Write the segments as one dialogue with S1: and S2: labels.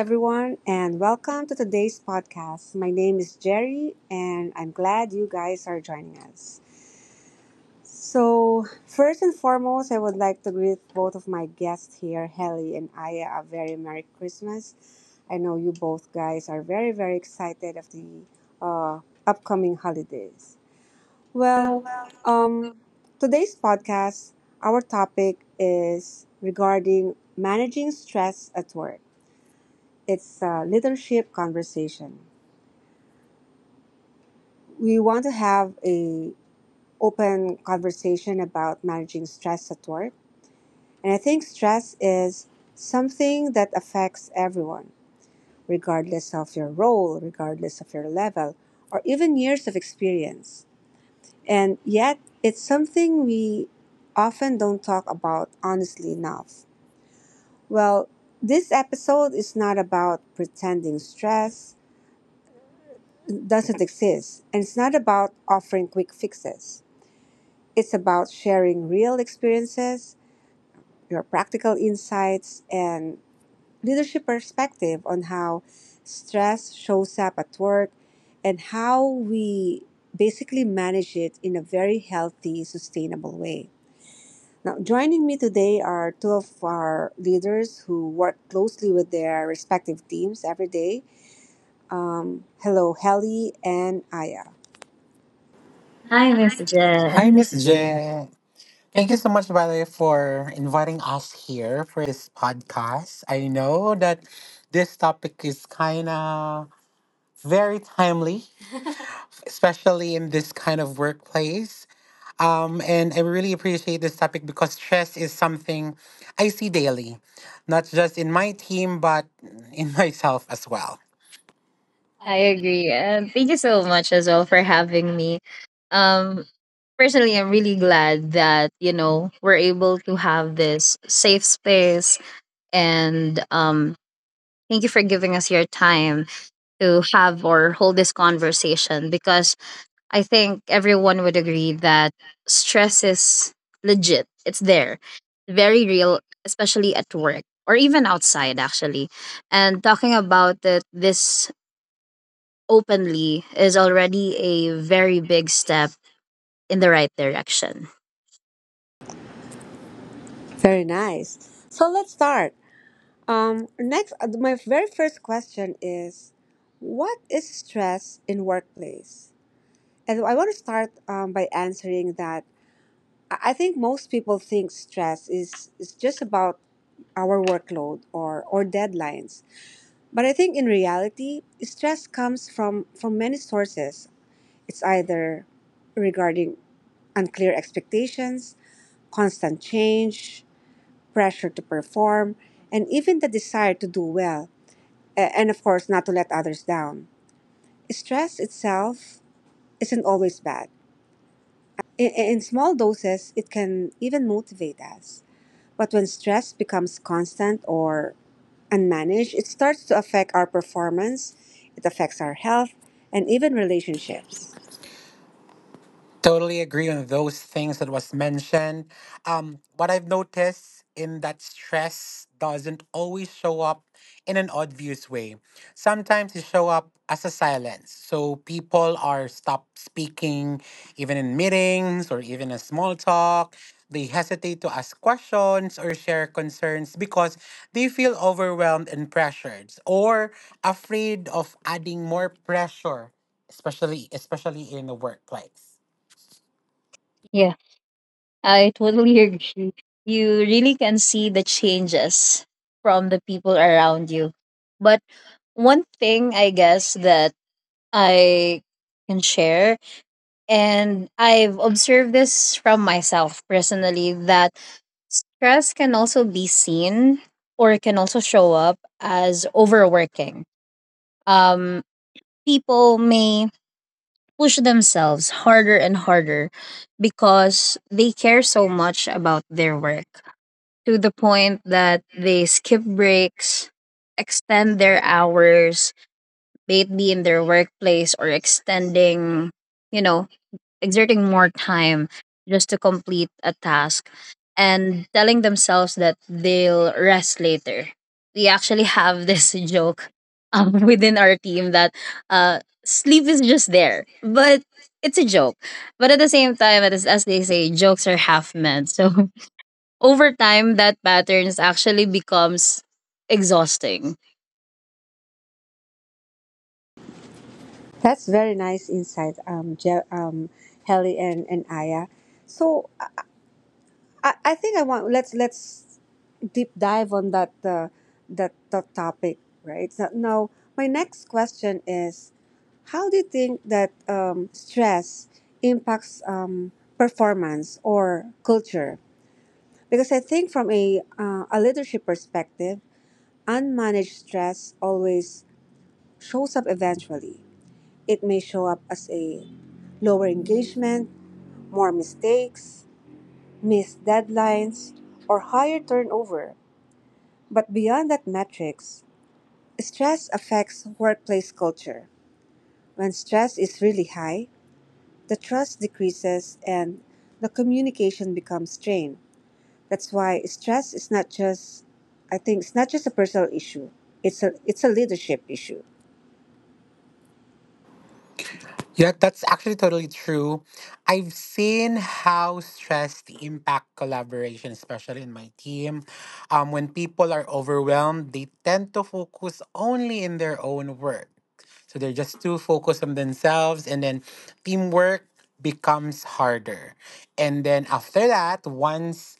S1: everyone, and welcome to today's podcast. My name is Jerry, and I'm glad you guys are joining us. So, first and foremost, I would like to greet both of my guests here, Helly and Aya, a very Merry Christmas. I know you both guys are very, very excited of the uh, upcoming holidays. Well,
S2: Hi,
S1: um, Today's podcast, our topic is regarding managing stress at work. It's a leadership conversation. We want to have a open conversation about managing stress at work. And I think stress is something that affects everyone, regardless of your role, regardless of your level, or even years of experience. And yet, it's something we often don't talk about honestly enough. Well, this episode is not about pretending stress doesn't exist. And it's not about offering quick fixes, it's about sharing real experiences, your practical insights, and leadership perspective on how stress shows up at work and how we basically manage it in a very healthy, sustainable way. Now, joining me today are two of our leaders who work closely with their respective teams every day. Hello, Helly and Aya.
S3: Hi, Miss
S2: Miss Jen.
S3: Jen. Hi,
S2: Hi,
S3: Miss
S2: Miss
S3: Jen.
S2: Jen.
S3: Thank
S2: Thank you
S3: you.
S2: so much, by the way, for inviting us here for this podcast. I know that this topic is kind of very timely, especially in this kind of workplace. And I really appreciate this topic because stress is something I see daily, not just in my team, but in myself as well.
S3: I
S2: I
S3: agree. And thank you so much as well for having me. Um, personally, I'm really glad that we're able to have this safe space. And thank you for giving us your time to have or hold this conversation because I think everyone would agree that stress is legit. It's there, very real, especially at work or even outside, actually. And talking about it this openly is already a very big step in the right direction.
S1: Very nice. So let's start. Next, my very first question is, what is stress in workplace? And I want to start by answering that. I think most people think stress is just about our workload or deadlines. But I think in reality, stress comes from many sources. It's either regarding unclear expectations, constant change, pressure to perform, and even the desire to do well, and of course, not to let others down. Stress itself isn't always bad. Uh, In, in small doses, it can even motivate us. But when stress becomes constant or unmanaged, it starts to affect our performance, it affects our health, and even
S2: agree.
S1: relationships.
S2: Totally agree on those things that was mentioned. What I've noticed in that stress doesn't always show up in an obvious way. Sometimes it show up as a silence. So people are stop speaking, even in meetings or even a small talk. They hesitate to ask questions or share concerns because they feel overwhelmed and pressured or afraid of adding more pressure, especially in the workplace.
S3: Yeah, I totally agree. You really can see the changes from the people around you. But one thing I guess that I can share and I've observed this from myself personally that stress can also be seen or it can also show up as overworking. Um, People may push themselves harder and harder because they care so much about their work to the point that they skip breaks, extend their hours, may it be in their workplace or extending, you know, exerting more time just to complete a task and telling themselves that they'll rest later. We actually have this joke within our team that sleep is just there, but it's a joke. But at the same time, as they say, jokes are half meant. So over time, that patterns actually becomes exhausting.
S1: That's very nice insight, Helly and Aya. So I think I want let's deep dive on that that, that topic, right? So now, my next question is, how do you think that stress impacts performance or culture? Because I think from a leadership perspective, unmanaged stress always shows up eventually. It may show up as a lower engagement, more mistakes, missed deadlines, or higher turnover. But beyond that metrics, stress affects workplace culture. When stress is really high, the trust decreases and the communication becomes strained. That's why stress is not just I think it's not just a personal issue. It's a leadership issue.
S2: Yeah, that's actually totally true. I've seen how stress impact collaboration, especially in my team. When people are overwhelmed, they tend to focus only in their own work. So they're just too focused on themselves, and then teamwork becomes harder. And then after that, once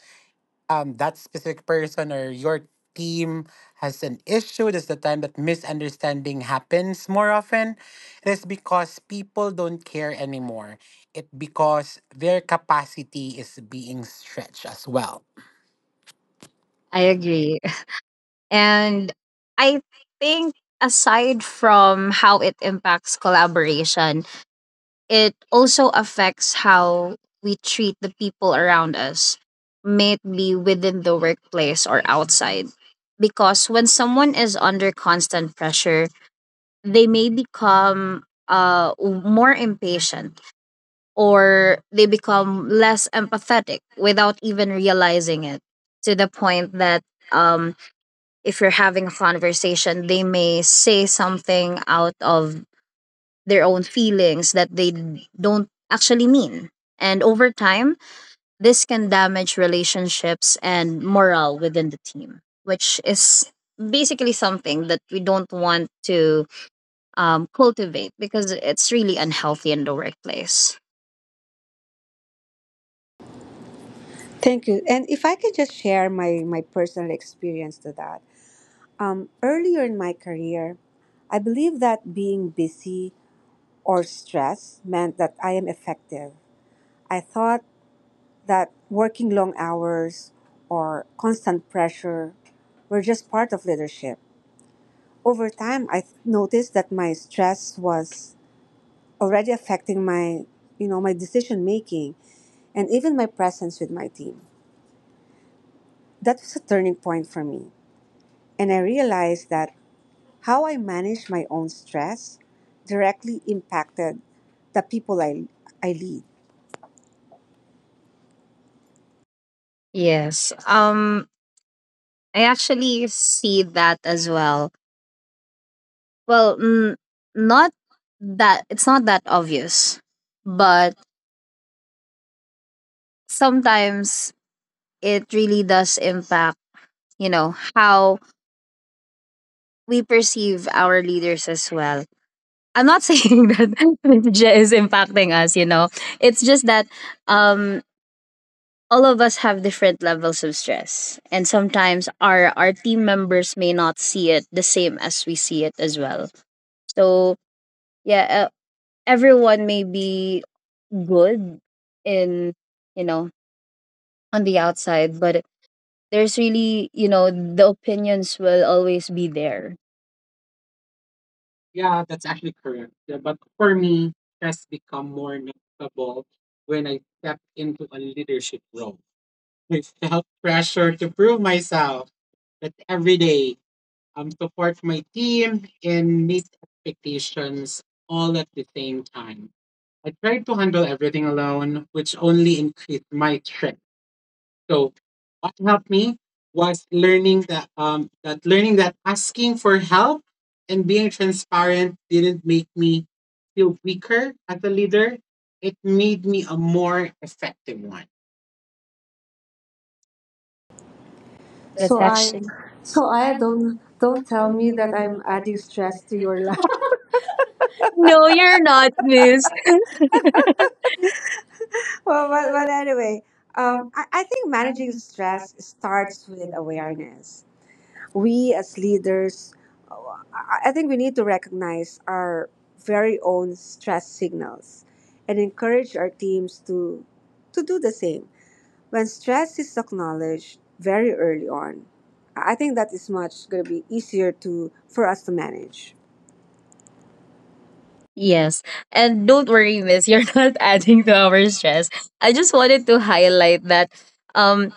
S2: that specific person or your team has an issue, that's the time that misunderstanding happens more often. It is because people don't care anymore. It because their capacity is being stretched as well.
S3: I
S2: I
S3: agree. And I think aside from how it impacts collaboration, it also affects how we treat the people around us, may it be within the workplace or outside. Because when someone is under constant pressure, they may become more impatient or they become less empathetic without even realizing it to the point that um, if you're having a conversation, they may say something out of their own feelings that they don't actually mean. And over time, this can damage relationships and morale within the team, which is basically something that we don't want to cultivate because it's really unhealthy in the workplace.
S1: Thank you. And if I could just share my my personal experience to that. Earlier in my career, I believe that being busy or stressed meant that I am effective. I thought that working long hours or constant pressure were just part of leadership. Over time, I noticed that my stress was already affecting my, you know, my decision making and even my presence with my team. That was a turning point for me, and I realized that how I manage my own stress directly impacted the people I lead.
S3: Yes. I actually see that as well. Well, not that it's not that obvious, but sometimes it really does impact how we perceive our leaders as well. I'm not saying that J is impacting us. It's just that um all of us have different levels of stress and sometimes our team members may not see it the same as we see it as well. So, yeah, everyone may be good in you know on the outside, but there's really the opinions will always be there. Yeah, that's actually correct. Yeah, but for me, it has become more noticeable when I stepped into a leadership role. I felt pressure to prove myself that every day I'm support my team and meet expectations all at the same time. I tried to handle everything alone, which only increased my stress. So what helped me was learning that asking for help and being transparent didn't make me feel weaker as a leader. It made me a more effective one.
S1: So
S3: That's,
S1: I so I don't tell me that I'm adding stress to your life. No, you're not. Liz. But anyway, I think managing stress starts with awareness. We as leaders, uh, I think we need to recognize our very own stress signals and encourage our teams to do the same. When stress is acknowledged very early on, I think that is much going to be easier to for us to manage.
S3: yes. And don't worry, miss, you're not adding to our stress. I just wanted to highlight that um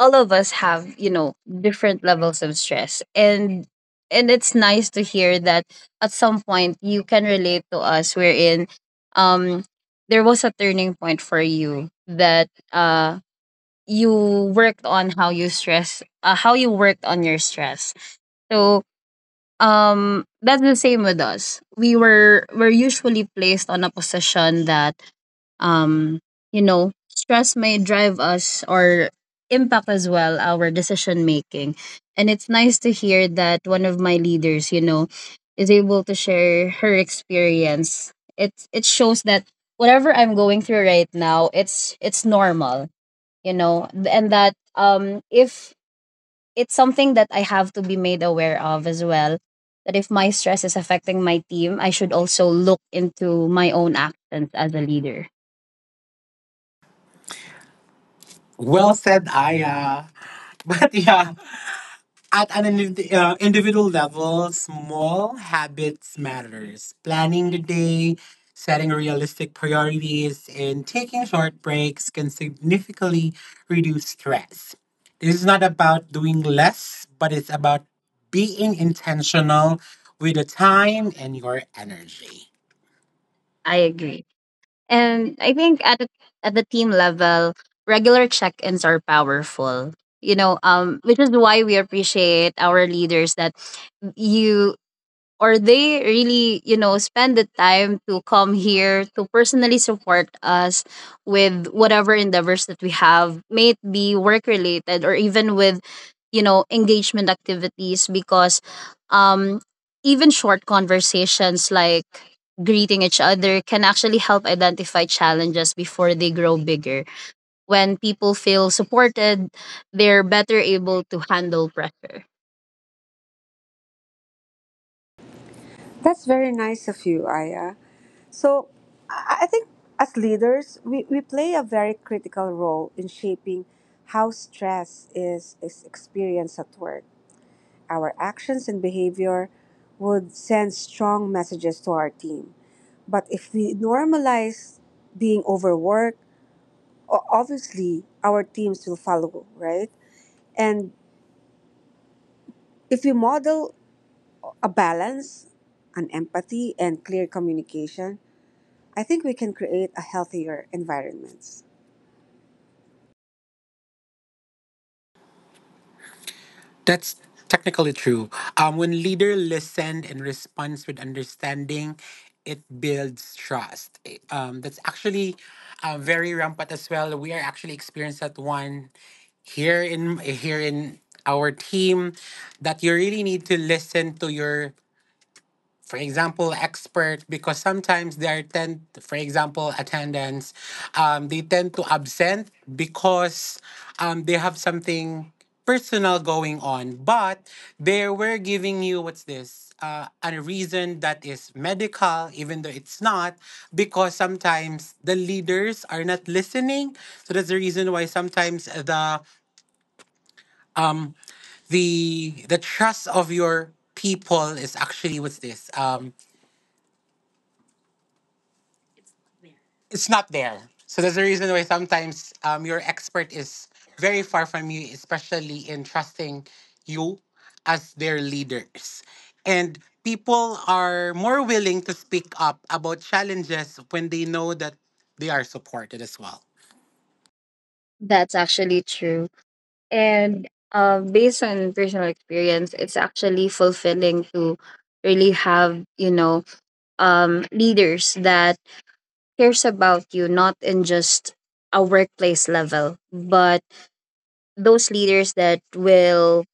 S3: all of us have different levels of stress, and it's nice to hear that at some point you can relate to us wherein um there was a turning point for you that you worked on how you worked on your stress. So that's the same with us. We're usually placed on a position that um, stress may drive us or impact as well our decision making. And it's nice to hear that one of my leaders is able to share her experience. It shows that whatever I'm going through right now, it's normal and that if it's something that I have to be made aware of as well. That if my stress is affecting my team, I should also look into my own actions as a leader.
S2: well
S3: Well said,
S2: said,
S3: Aya.
S2: Aya. But
S3: Yeah,
S2: yeah.
S3: at
S2: At an
S3: an
S2: indiv-
S3: indiv- uh,
S2: uh,
S3: individual
S2: individual
S3: level,
S2: level,
S3: small
S2: small
S3: bits
S2: habits
S3: matters.
S2: matters.
S3: Planning
S2: Planning the
S3: the day,
S2: day, setting
S3: setting realistic
S2: realistic
S3: priorities,
S2: priorities,
S3: and
S2: and
S3: taking
S2: taking
S3: short
S2: short breaks
S3: breaks can
S2: can
S3: significantly
S2: significantly
S3: reduce
S2: reduce
S3: stress.
S2: stress. This
S3: It's
S2: is
S3: not
S2: not
S3: about
S2: about doing
S3: doing less,
S2: less,
S3: but
S2: but
S3: it's
S2: it's
S3: about
S2: about
S3: being
S2: being
S3: intentional
S2: intentional
S3: with
S2: with
S3: your
S2: the
S3: time
S2: time and
S3: and your
S2: your
S3: energy.
S2: energy.
S3: I agree. And I think at the team level, regular check-ins are powerful. Which is why we appreciate our leaders that you or they really spend the time to come here to personally support us with whatever endeavors that we have, may it be work related or even with engagement activities, because um even short conversations like greeting each other can actually help identify challenges before they grow bigger. When people feel supported, they're better able to handle pressure.
S1: That's very nice of you, Aya. So I think as leaders, we play a very critical role in shaping how stress is experienced at work. Our actions and behavior would send strong messages to our team. But if we normalize being overworked, obviously our teams will follow, right? And if we model a balance, an empathy, and clear communication, I think we can create a healthier environment.
S2: That's technically true. When leader listen and responds with understanding, it builds trust. That's actually very rampant as well. We are actually experienced that one here in here in our team that you really need to listen to your, for example, expert, because sometimes they are tend, for example, attendance, they tend to absent because they have something personal going on. But they were giving you what's this? A reason that is medical, even though it's not, because sometimes the leaders are not listening. So that's the reason why sometimes the um the trust of your people is actually what's this, it's not there. So there's a reason why sometimes your expert is very far from you, especially in trusting you as their leaders. And people are more willing to speak up about challenges when they know that they are supported as well.
S3: That's actually true. And based on personal experience, it's actually fulfilling to really have leaders that cares about you, not in just a workplace level, but those leaders that will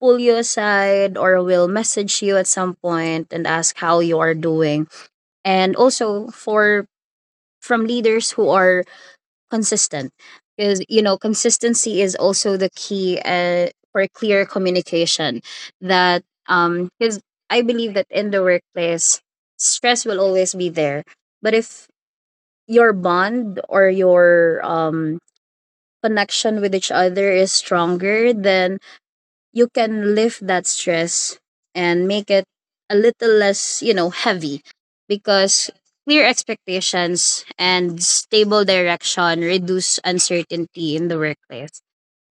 S3: pull you aside or will message you at some point and ask how you are doing. And also for from leaders who are consistent, because consistency is also the key for clear communication, that because I believe that in the workplace stress will always be there, but if your bond or your connection with each other is stronger, then you can lift that stress and make it a little less heavy, because clear expectations and stable direction reduce uncertainty in the workplace,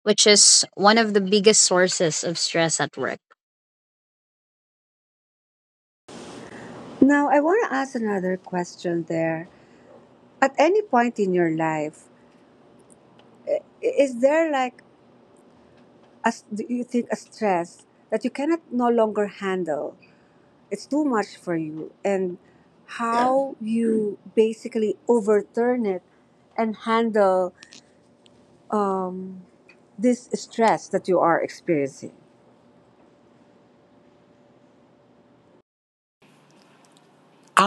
S3: which is one of the biggest sources of stress at work.
S1: Now, I want to ask another question there. At any point in your life, is there like, a, do you think, a stress that you cannot no longer handle? It's too much for you. And how you basically overturn it and handle um, this stress that you are experiencing?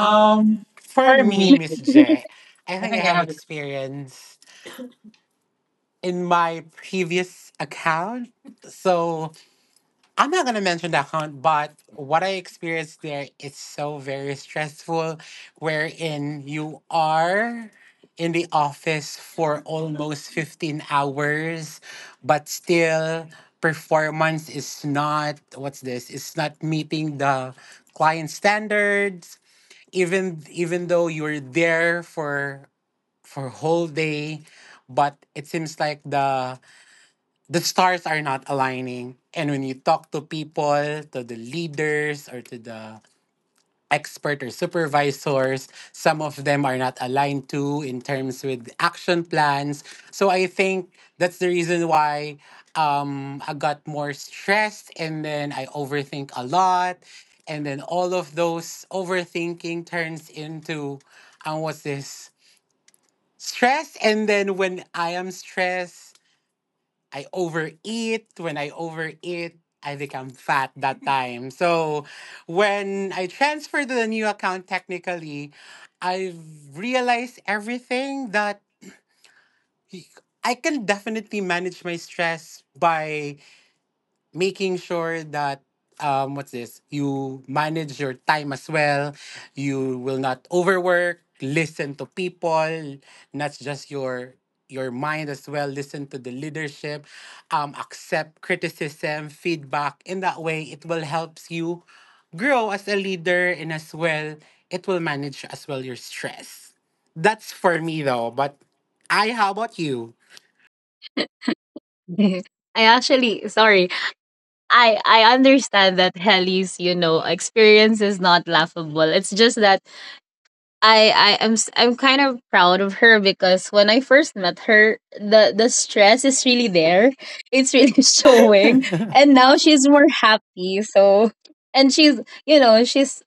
S3: Um,
S2: for
S3: for
S2: me,
S3: me,
S2: Miss J, I
S3: I
S2: think I
S3: think I
S2: have
S3: have
S2: experience in my previous account. So I'm not gonna mention that hunt, but what I experienced there is so very stressful, wherein you are in the office for almost 15 hours, but still performance is not what's this? It's not meeting the client standards. Even though you're there for whole day, but it seems like the stars are not aligning. And when you talk to people, to the leaders or to the expert or supervisors, some of them are not aligned to in terms with action plans. So I think that's the reason why I got more stressed and then I overthink a lot. And then all of those overthinking turns into, what's this? Stress. And then when I am stressed, I overeat. When I overeat, I become fat that time. So when I transfer to the new account, technically, I've realized everything that I can definitely manage my stress by making sure that what's this, you manage your time as well, you will not overwork, listen to people, not just your mind as well, listen to the leadership, accept criticism feedback. In that way it will helps you grow as a leader, and as well it will manage as well your stress. That's for me though, but I, how about you?
S3: I actually, sorry. I understand that Helly's experience is not laughable. It's just that I I'm kind of proud of her, because when I first met her, the stress is really there. It's really showing,
S2: And
S3: and
S2: now
S3: now
S2: she's
S3: she's more happy. So, and she's you know she's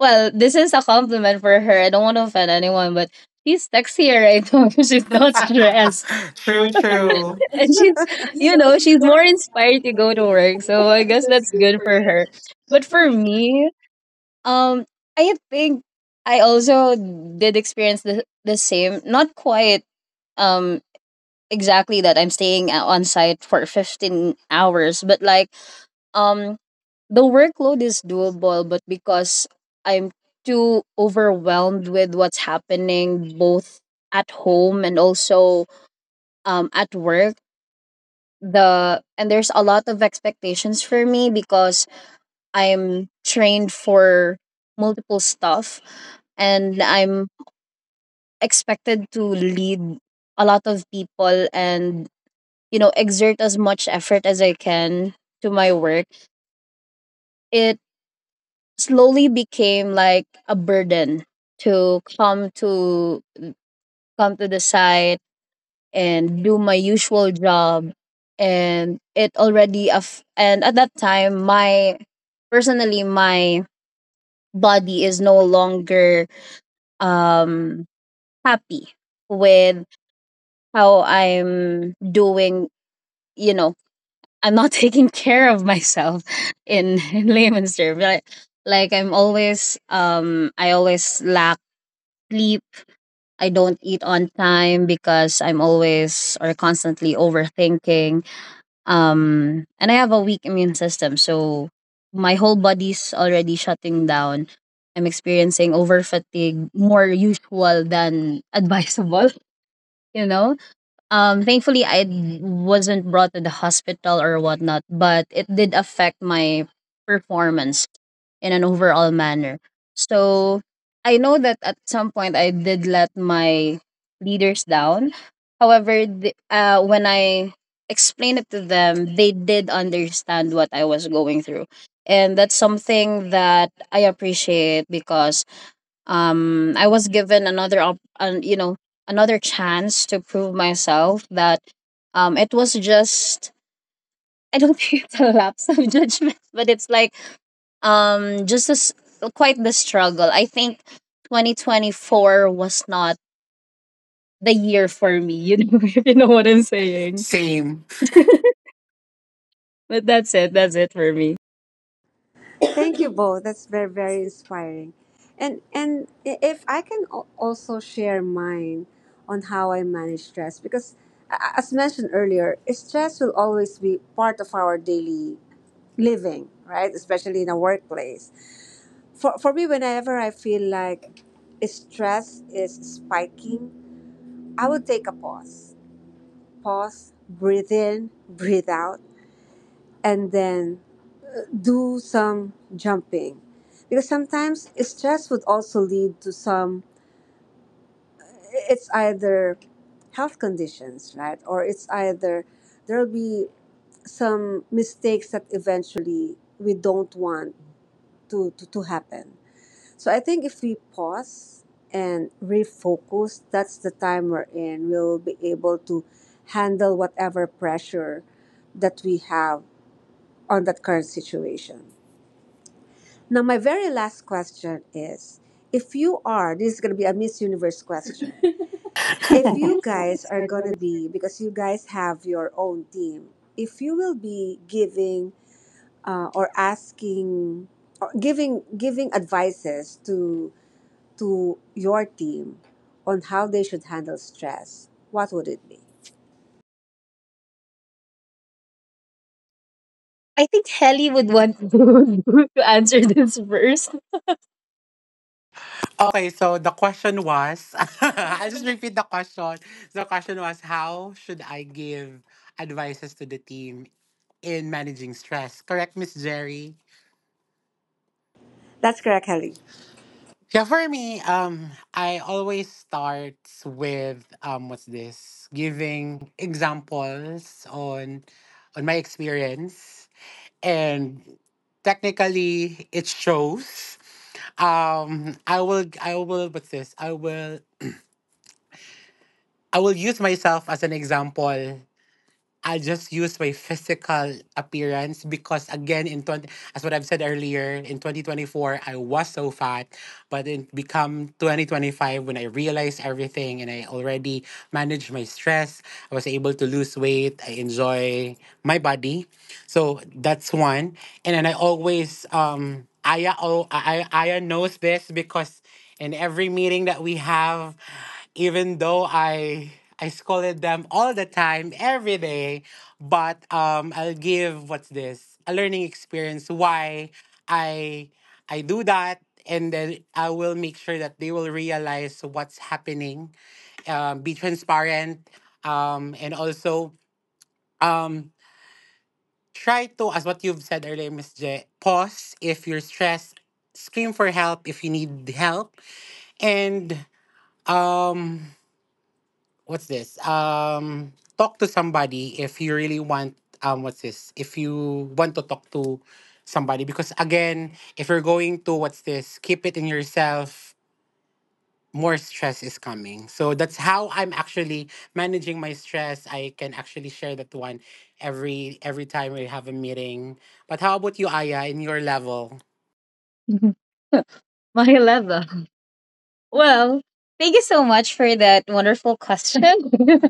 S3: well. This is a compliment for her. I don't want to offend anyone, but she's sexier right now because she's not stressed.
S2: true,
S3: True, true.
S2: true.
S1: And
S3: And
S1: she,
S3: she's
S1: you
S3: you
S1: know,
S3: know
S1: she's
S3: she's
S1: more
S3: more
S1: inspired
S3: inspired
S1: to
S3: to
S1: go
S3: go
S1: to
S3: to
S1: work.
S3: work.
S1: So
S3: So I
S1: I guess
S3: guess
S1: that's
S3: that's
S1: good
S3: good
S1: for
S3: for her. But for
S1: her.
S3: me, um, I think I also did experience the same. Not quite um exactly that I'm staying on site for 15 hours, but like um the workload is doable, but because I'm too overwhelmed with what's happening both at home and also at work, the and there's a lot of expectations for me because I'm trained for multiple stuff and I'm expected to lead a lot of people and exert as much effort as I can to my work, it slowly became like a burden to come to the site and do my usual job, and it already and at that time my personally, my body is no longer um happy with how I'm doing. you know I'm not taking care of myself in, layman's term. Like, I always lack sleep. I don't eat on time because I'm always or constantly overthinking. And I have a weak immune system, so my whole body's already shutting down. I'm experiencing over fatigue more usual than advisable, you know? Thankfully, I wasn't brought to the hospital or whatnot, but it did affect my performance in an overall manner. So I know that at some point I did let my leaders down. However, when I explained it to them, they did understand what I was going through. And that's something that I appreciate because I was given another another chance to prove myself that it was just I don't think it's a lapse of judgment, but it's like just as quite the struggle. I think 2024 was not the year for me if you know what I'm saying. Same.
S2: Same.
S3: But that's it, that's it for me.
S1: Thank you both. That's very very inspiring. And if I can also share mine on how I manage stress because as mentioned earlier, stress will always be part of our daily living, right? Especially in a workplace. For me whenever I feel like stress is spiking, I would take a pause. Pause, breathe in, breathe out, and then do some jumping because sometimes stress would also lead to some it's either health conditions right or it's either there'll be some mistakes that eventually we don't want to, to happen. So I think if we pause and refocus that's the time we're in we'll be able to handle whatever pressure that we have on that current situation. Now, my very last question is if you are, this is going to be a Miss Universe question. If you guys are going to be, because you guys have your own team, if you will be giving or asking or giving giving advices to your team on how they should handle stress, what would it be?
S3: I think Helly would want to answer this first.
S2: Okay, so the question was I'll just repeat the question. The question was, how should I give advices to the team in managing stress? Correct, Miss Jerry?
S1: That's correct, Kelly.
S2: Yeah, for me, I always start with what's this? Giving examples on my experience. And technically it shows I will what's this? I will use myself as an example. I just use my physical appearance because again in 20, as what I've said earlier, in 2024 I was so fat, but it become 2025 when I realized everything and I already managed my stress, I was able to lose weight, I enjoy my body. So that's one. And then I always Aya, oh, I, Aya knows this because in every meeting that we have, even though I scolded them all the time, every day. But I'll give what's this, a learning experience why I I do that, and then I will make sure that they will realize what's happening. Be transparent, and also um, try to, as what you've said earlier, Miss J, pause if you're stressed. Scream for help if you need help, and um what's this? Talk to somebody if you really want. What's this? If you want to talk to somebody, because again, if you're going to what's this, keep it in yourself. More stress is coming. So that's how I'm actually managing my stress. I can actually share that one every time we have a meeting. But how about you, Aya, in your level?
S3: My level. Well, thank you so much for that wonderful question.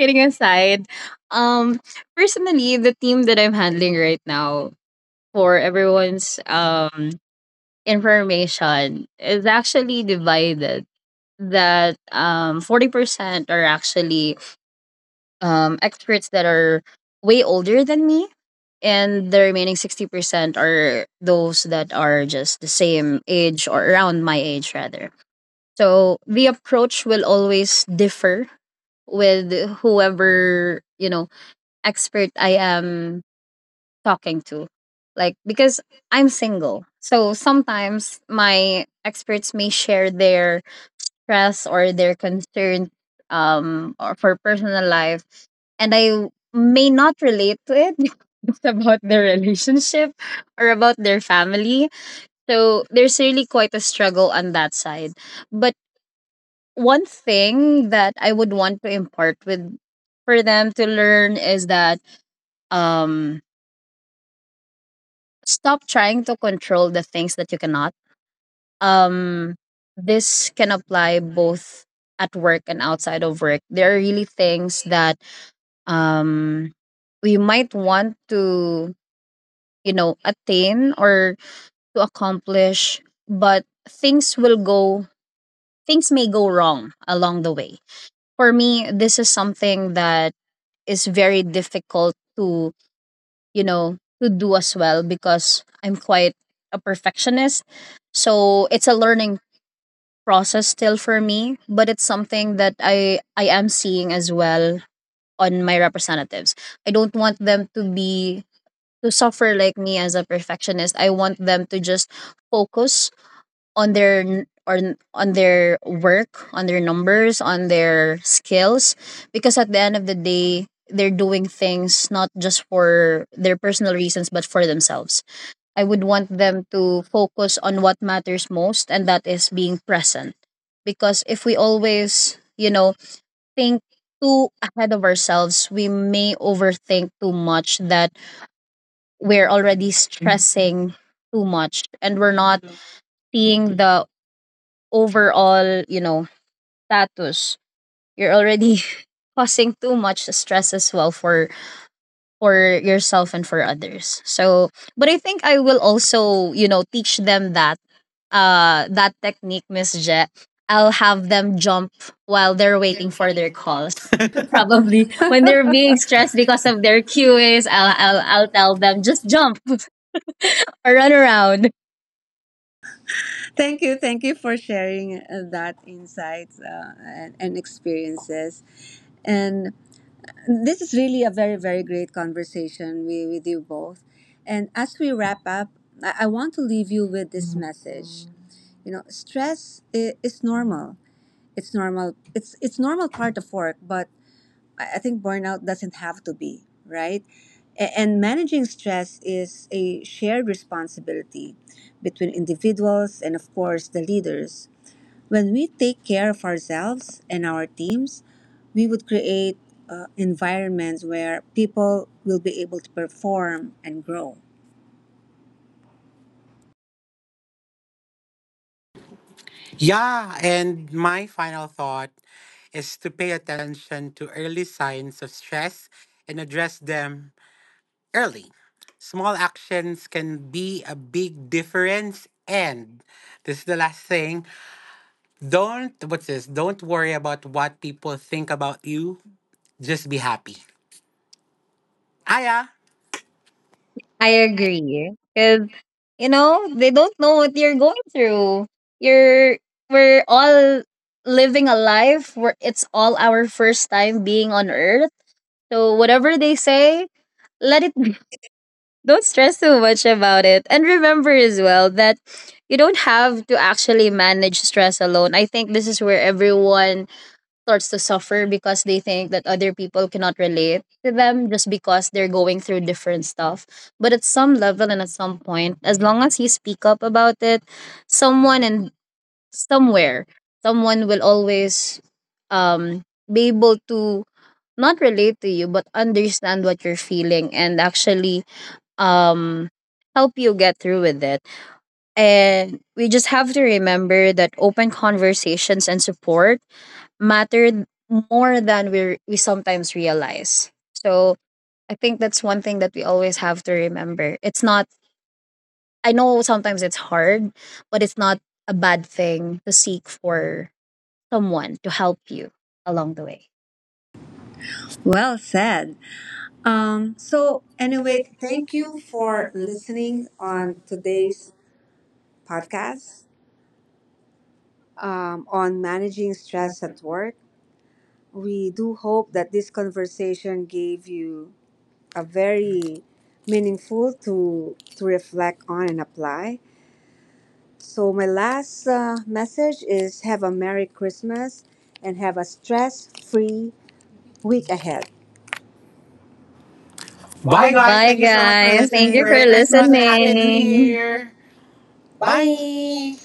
S3: Kidding aside, um, personally, the team that I'm handling right now, for everyone's information, is actually divided. That 40% are actually experts that are way older than me, and the remaining 60% are those that are just the same age, or around my age rather. So the approach will always differ with whoever expert I am talking to. Like, because I'm single. So sometimes my experts may share their stress or their concern, or for personal life. And I may not relate to it, because it's about their relationship or about their family. So there's really quite a struggle on that side, but one thing that I would want to impart with for them to learn is that um stop trying to control the things that you cannot. Um this can apply both at work and outside of work. There are really things that um we might want to attain or to accomplish, but things may go wrong along the way. For me, this is something that is very difficult to do as well, because I'm quite a perfectionist. So it's a learning process still for me, but it's something that I am seeing as well on my representatives. I don't want them to suffer like me as a perfectionist. I want them to just focus on their work, on their numbers, on their skills, because at the end of the day they're doing things not just for their personal reasons but for themselves. I would want them to focus on what matters most, and that is being present. Because if we always think too ahead of ourselves, we may overthink too much that we're already stressing too much, and we're not seeing the overall status. You're already causing too much stress as well for yourself and for others. So, but I think I will also teach them that technique, Miss Jet. I'll have them jump while they're waiting
S2: Waiting
S3: for
S2: for
S3: their
S2: their
S3: calls.
S2: calls.
S1: Probably
S3: Probably
S2: Probably
S1: when
S3: when
S2: when
S1: they're
S2: they're
S3: they're
S1: really
S3: being
S2: being
S3: stressed
S1: stressed
S2: stressed
S1: because
S3: because
S2: because
S1: of
S3: of
S2: of
S1: their
S3: their
S2: their
S1: peers,
S3: QAs,
S2: QAs,
S3: I'll
S2: I'll,
S3: I'll,
S2: I'll,
S1: I'll
S3: I'll
S2: I'll
S1: tell
S2: tell
S3: tell them
S1: them.
S2: them
S3: just
S2: just
S3: jump or run around.
S1: Thank you. Thank you for sharing that insights and experiences. And this is really a very, very great conversation with you both. And as we wrap up, I want to leave you with this message. You know, stress is normal. It's normal. It's normal part of work, but I think burnout doesn't have to be, right? And managing stress is a shared responsibility between individuals and, of course, the leaders. When we take care of ourselves and our teams, we would create environments where people will be able to perform and grow.
S2: yeah. And my final thought is to pay attention to early signs of stress and address them early. Small actions can be a big difference. And this is the last thing, don't, what's this? Don't worry about what people think about you. Just be happy. Aya.
S3: I
S2: I agree.
S3: agree. Because they don't know what you're going through. You're, we're all living a life where it's all our first time being on earth. So, whatever they say, let it be. Don't stress too much about it, and remember as well that you don't have to actually manage stress alone. I think this is where everyone starts to suffer, because they think that other people cannot relate to them just because they're going through different stuff. But at some level and at some point, as long as you speak up about it, someone and somewhere, someone will always be able to not relate to you but understand what you're feeling, and actually um help you get through with it. And we just have to remember that open conversations and support matter more than we sometimes realize. So I think that's one thing that we always have to remember. It's not. I know sometimes it's hard, but it's not a bad thing to seek for someone to help you along the way.
S1: Well said. So, anyway, thank you for listening on today's podcast on managing stress at work. We do hope that this conversation gave you a very meaningful to reflect on and apply. So my last message is have a merry Christmas and have a stress-free week ahead. Bye,
S3: Bye,
S2: Bye,
S1: guys.
S2: guys.
S3: guys.
S2: Thank
S3: Bye. Thank
S1: Thank
S3: you
S1: you
S2: you
S3: so
S1: so
S2: so
S1: much
S2: much
S1: for
S2: for
S3: much, guys.
S1: listening.
S3: Thank
S2: listening.
S3: you, we for
S2: Merry
S1: Merry
S3: so
S1: Christmas
S3: glad
S2: Christmas and a
S1: and Happy
S2: Happy New
S1: New
S3: listening. Here.
S1: Year.
S2: Year.
S1: Bye.
S2: Bye.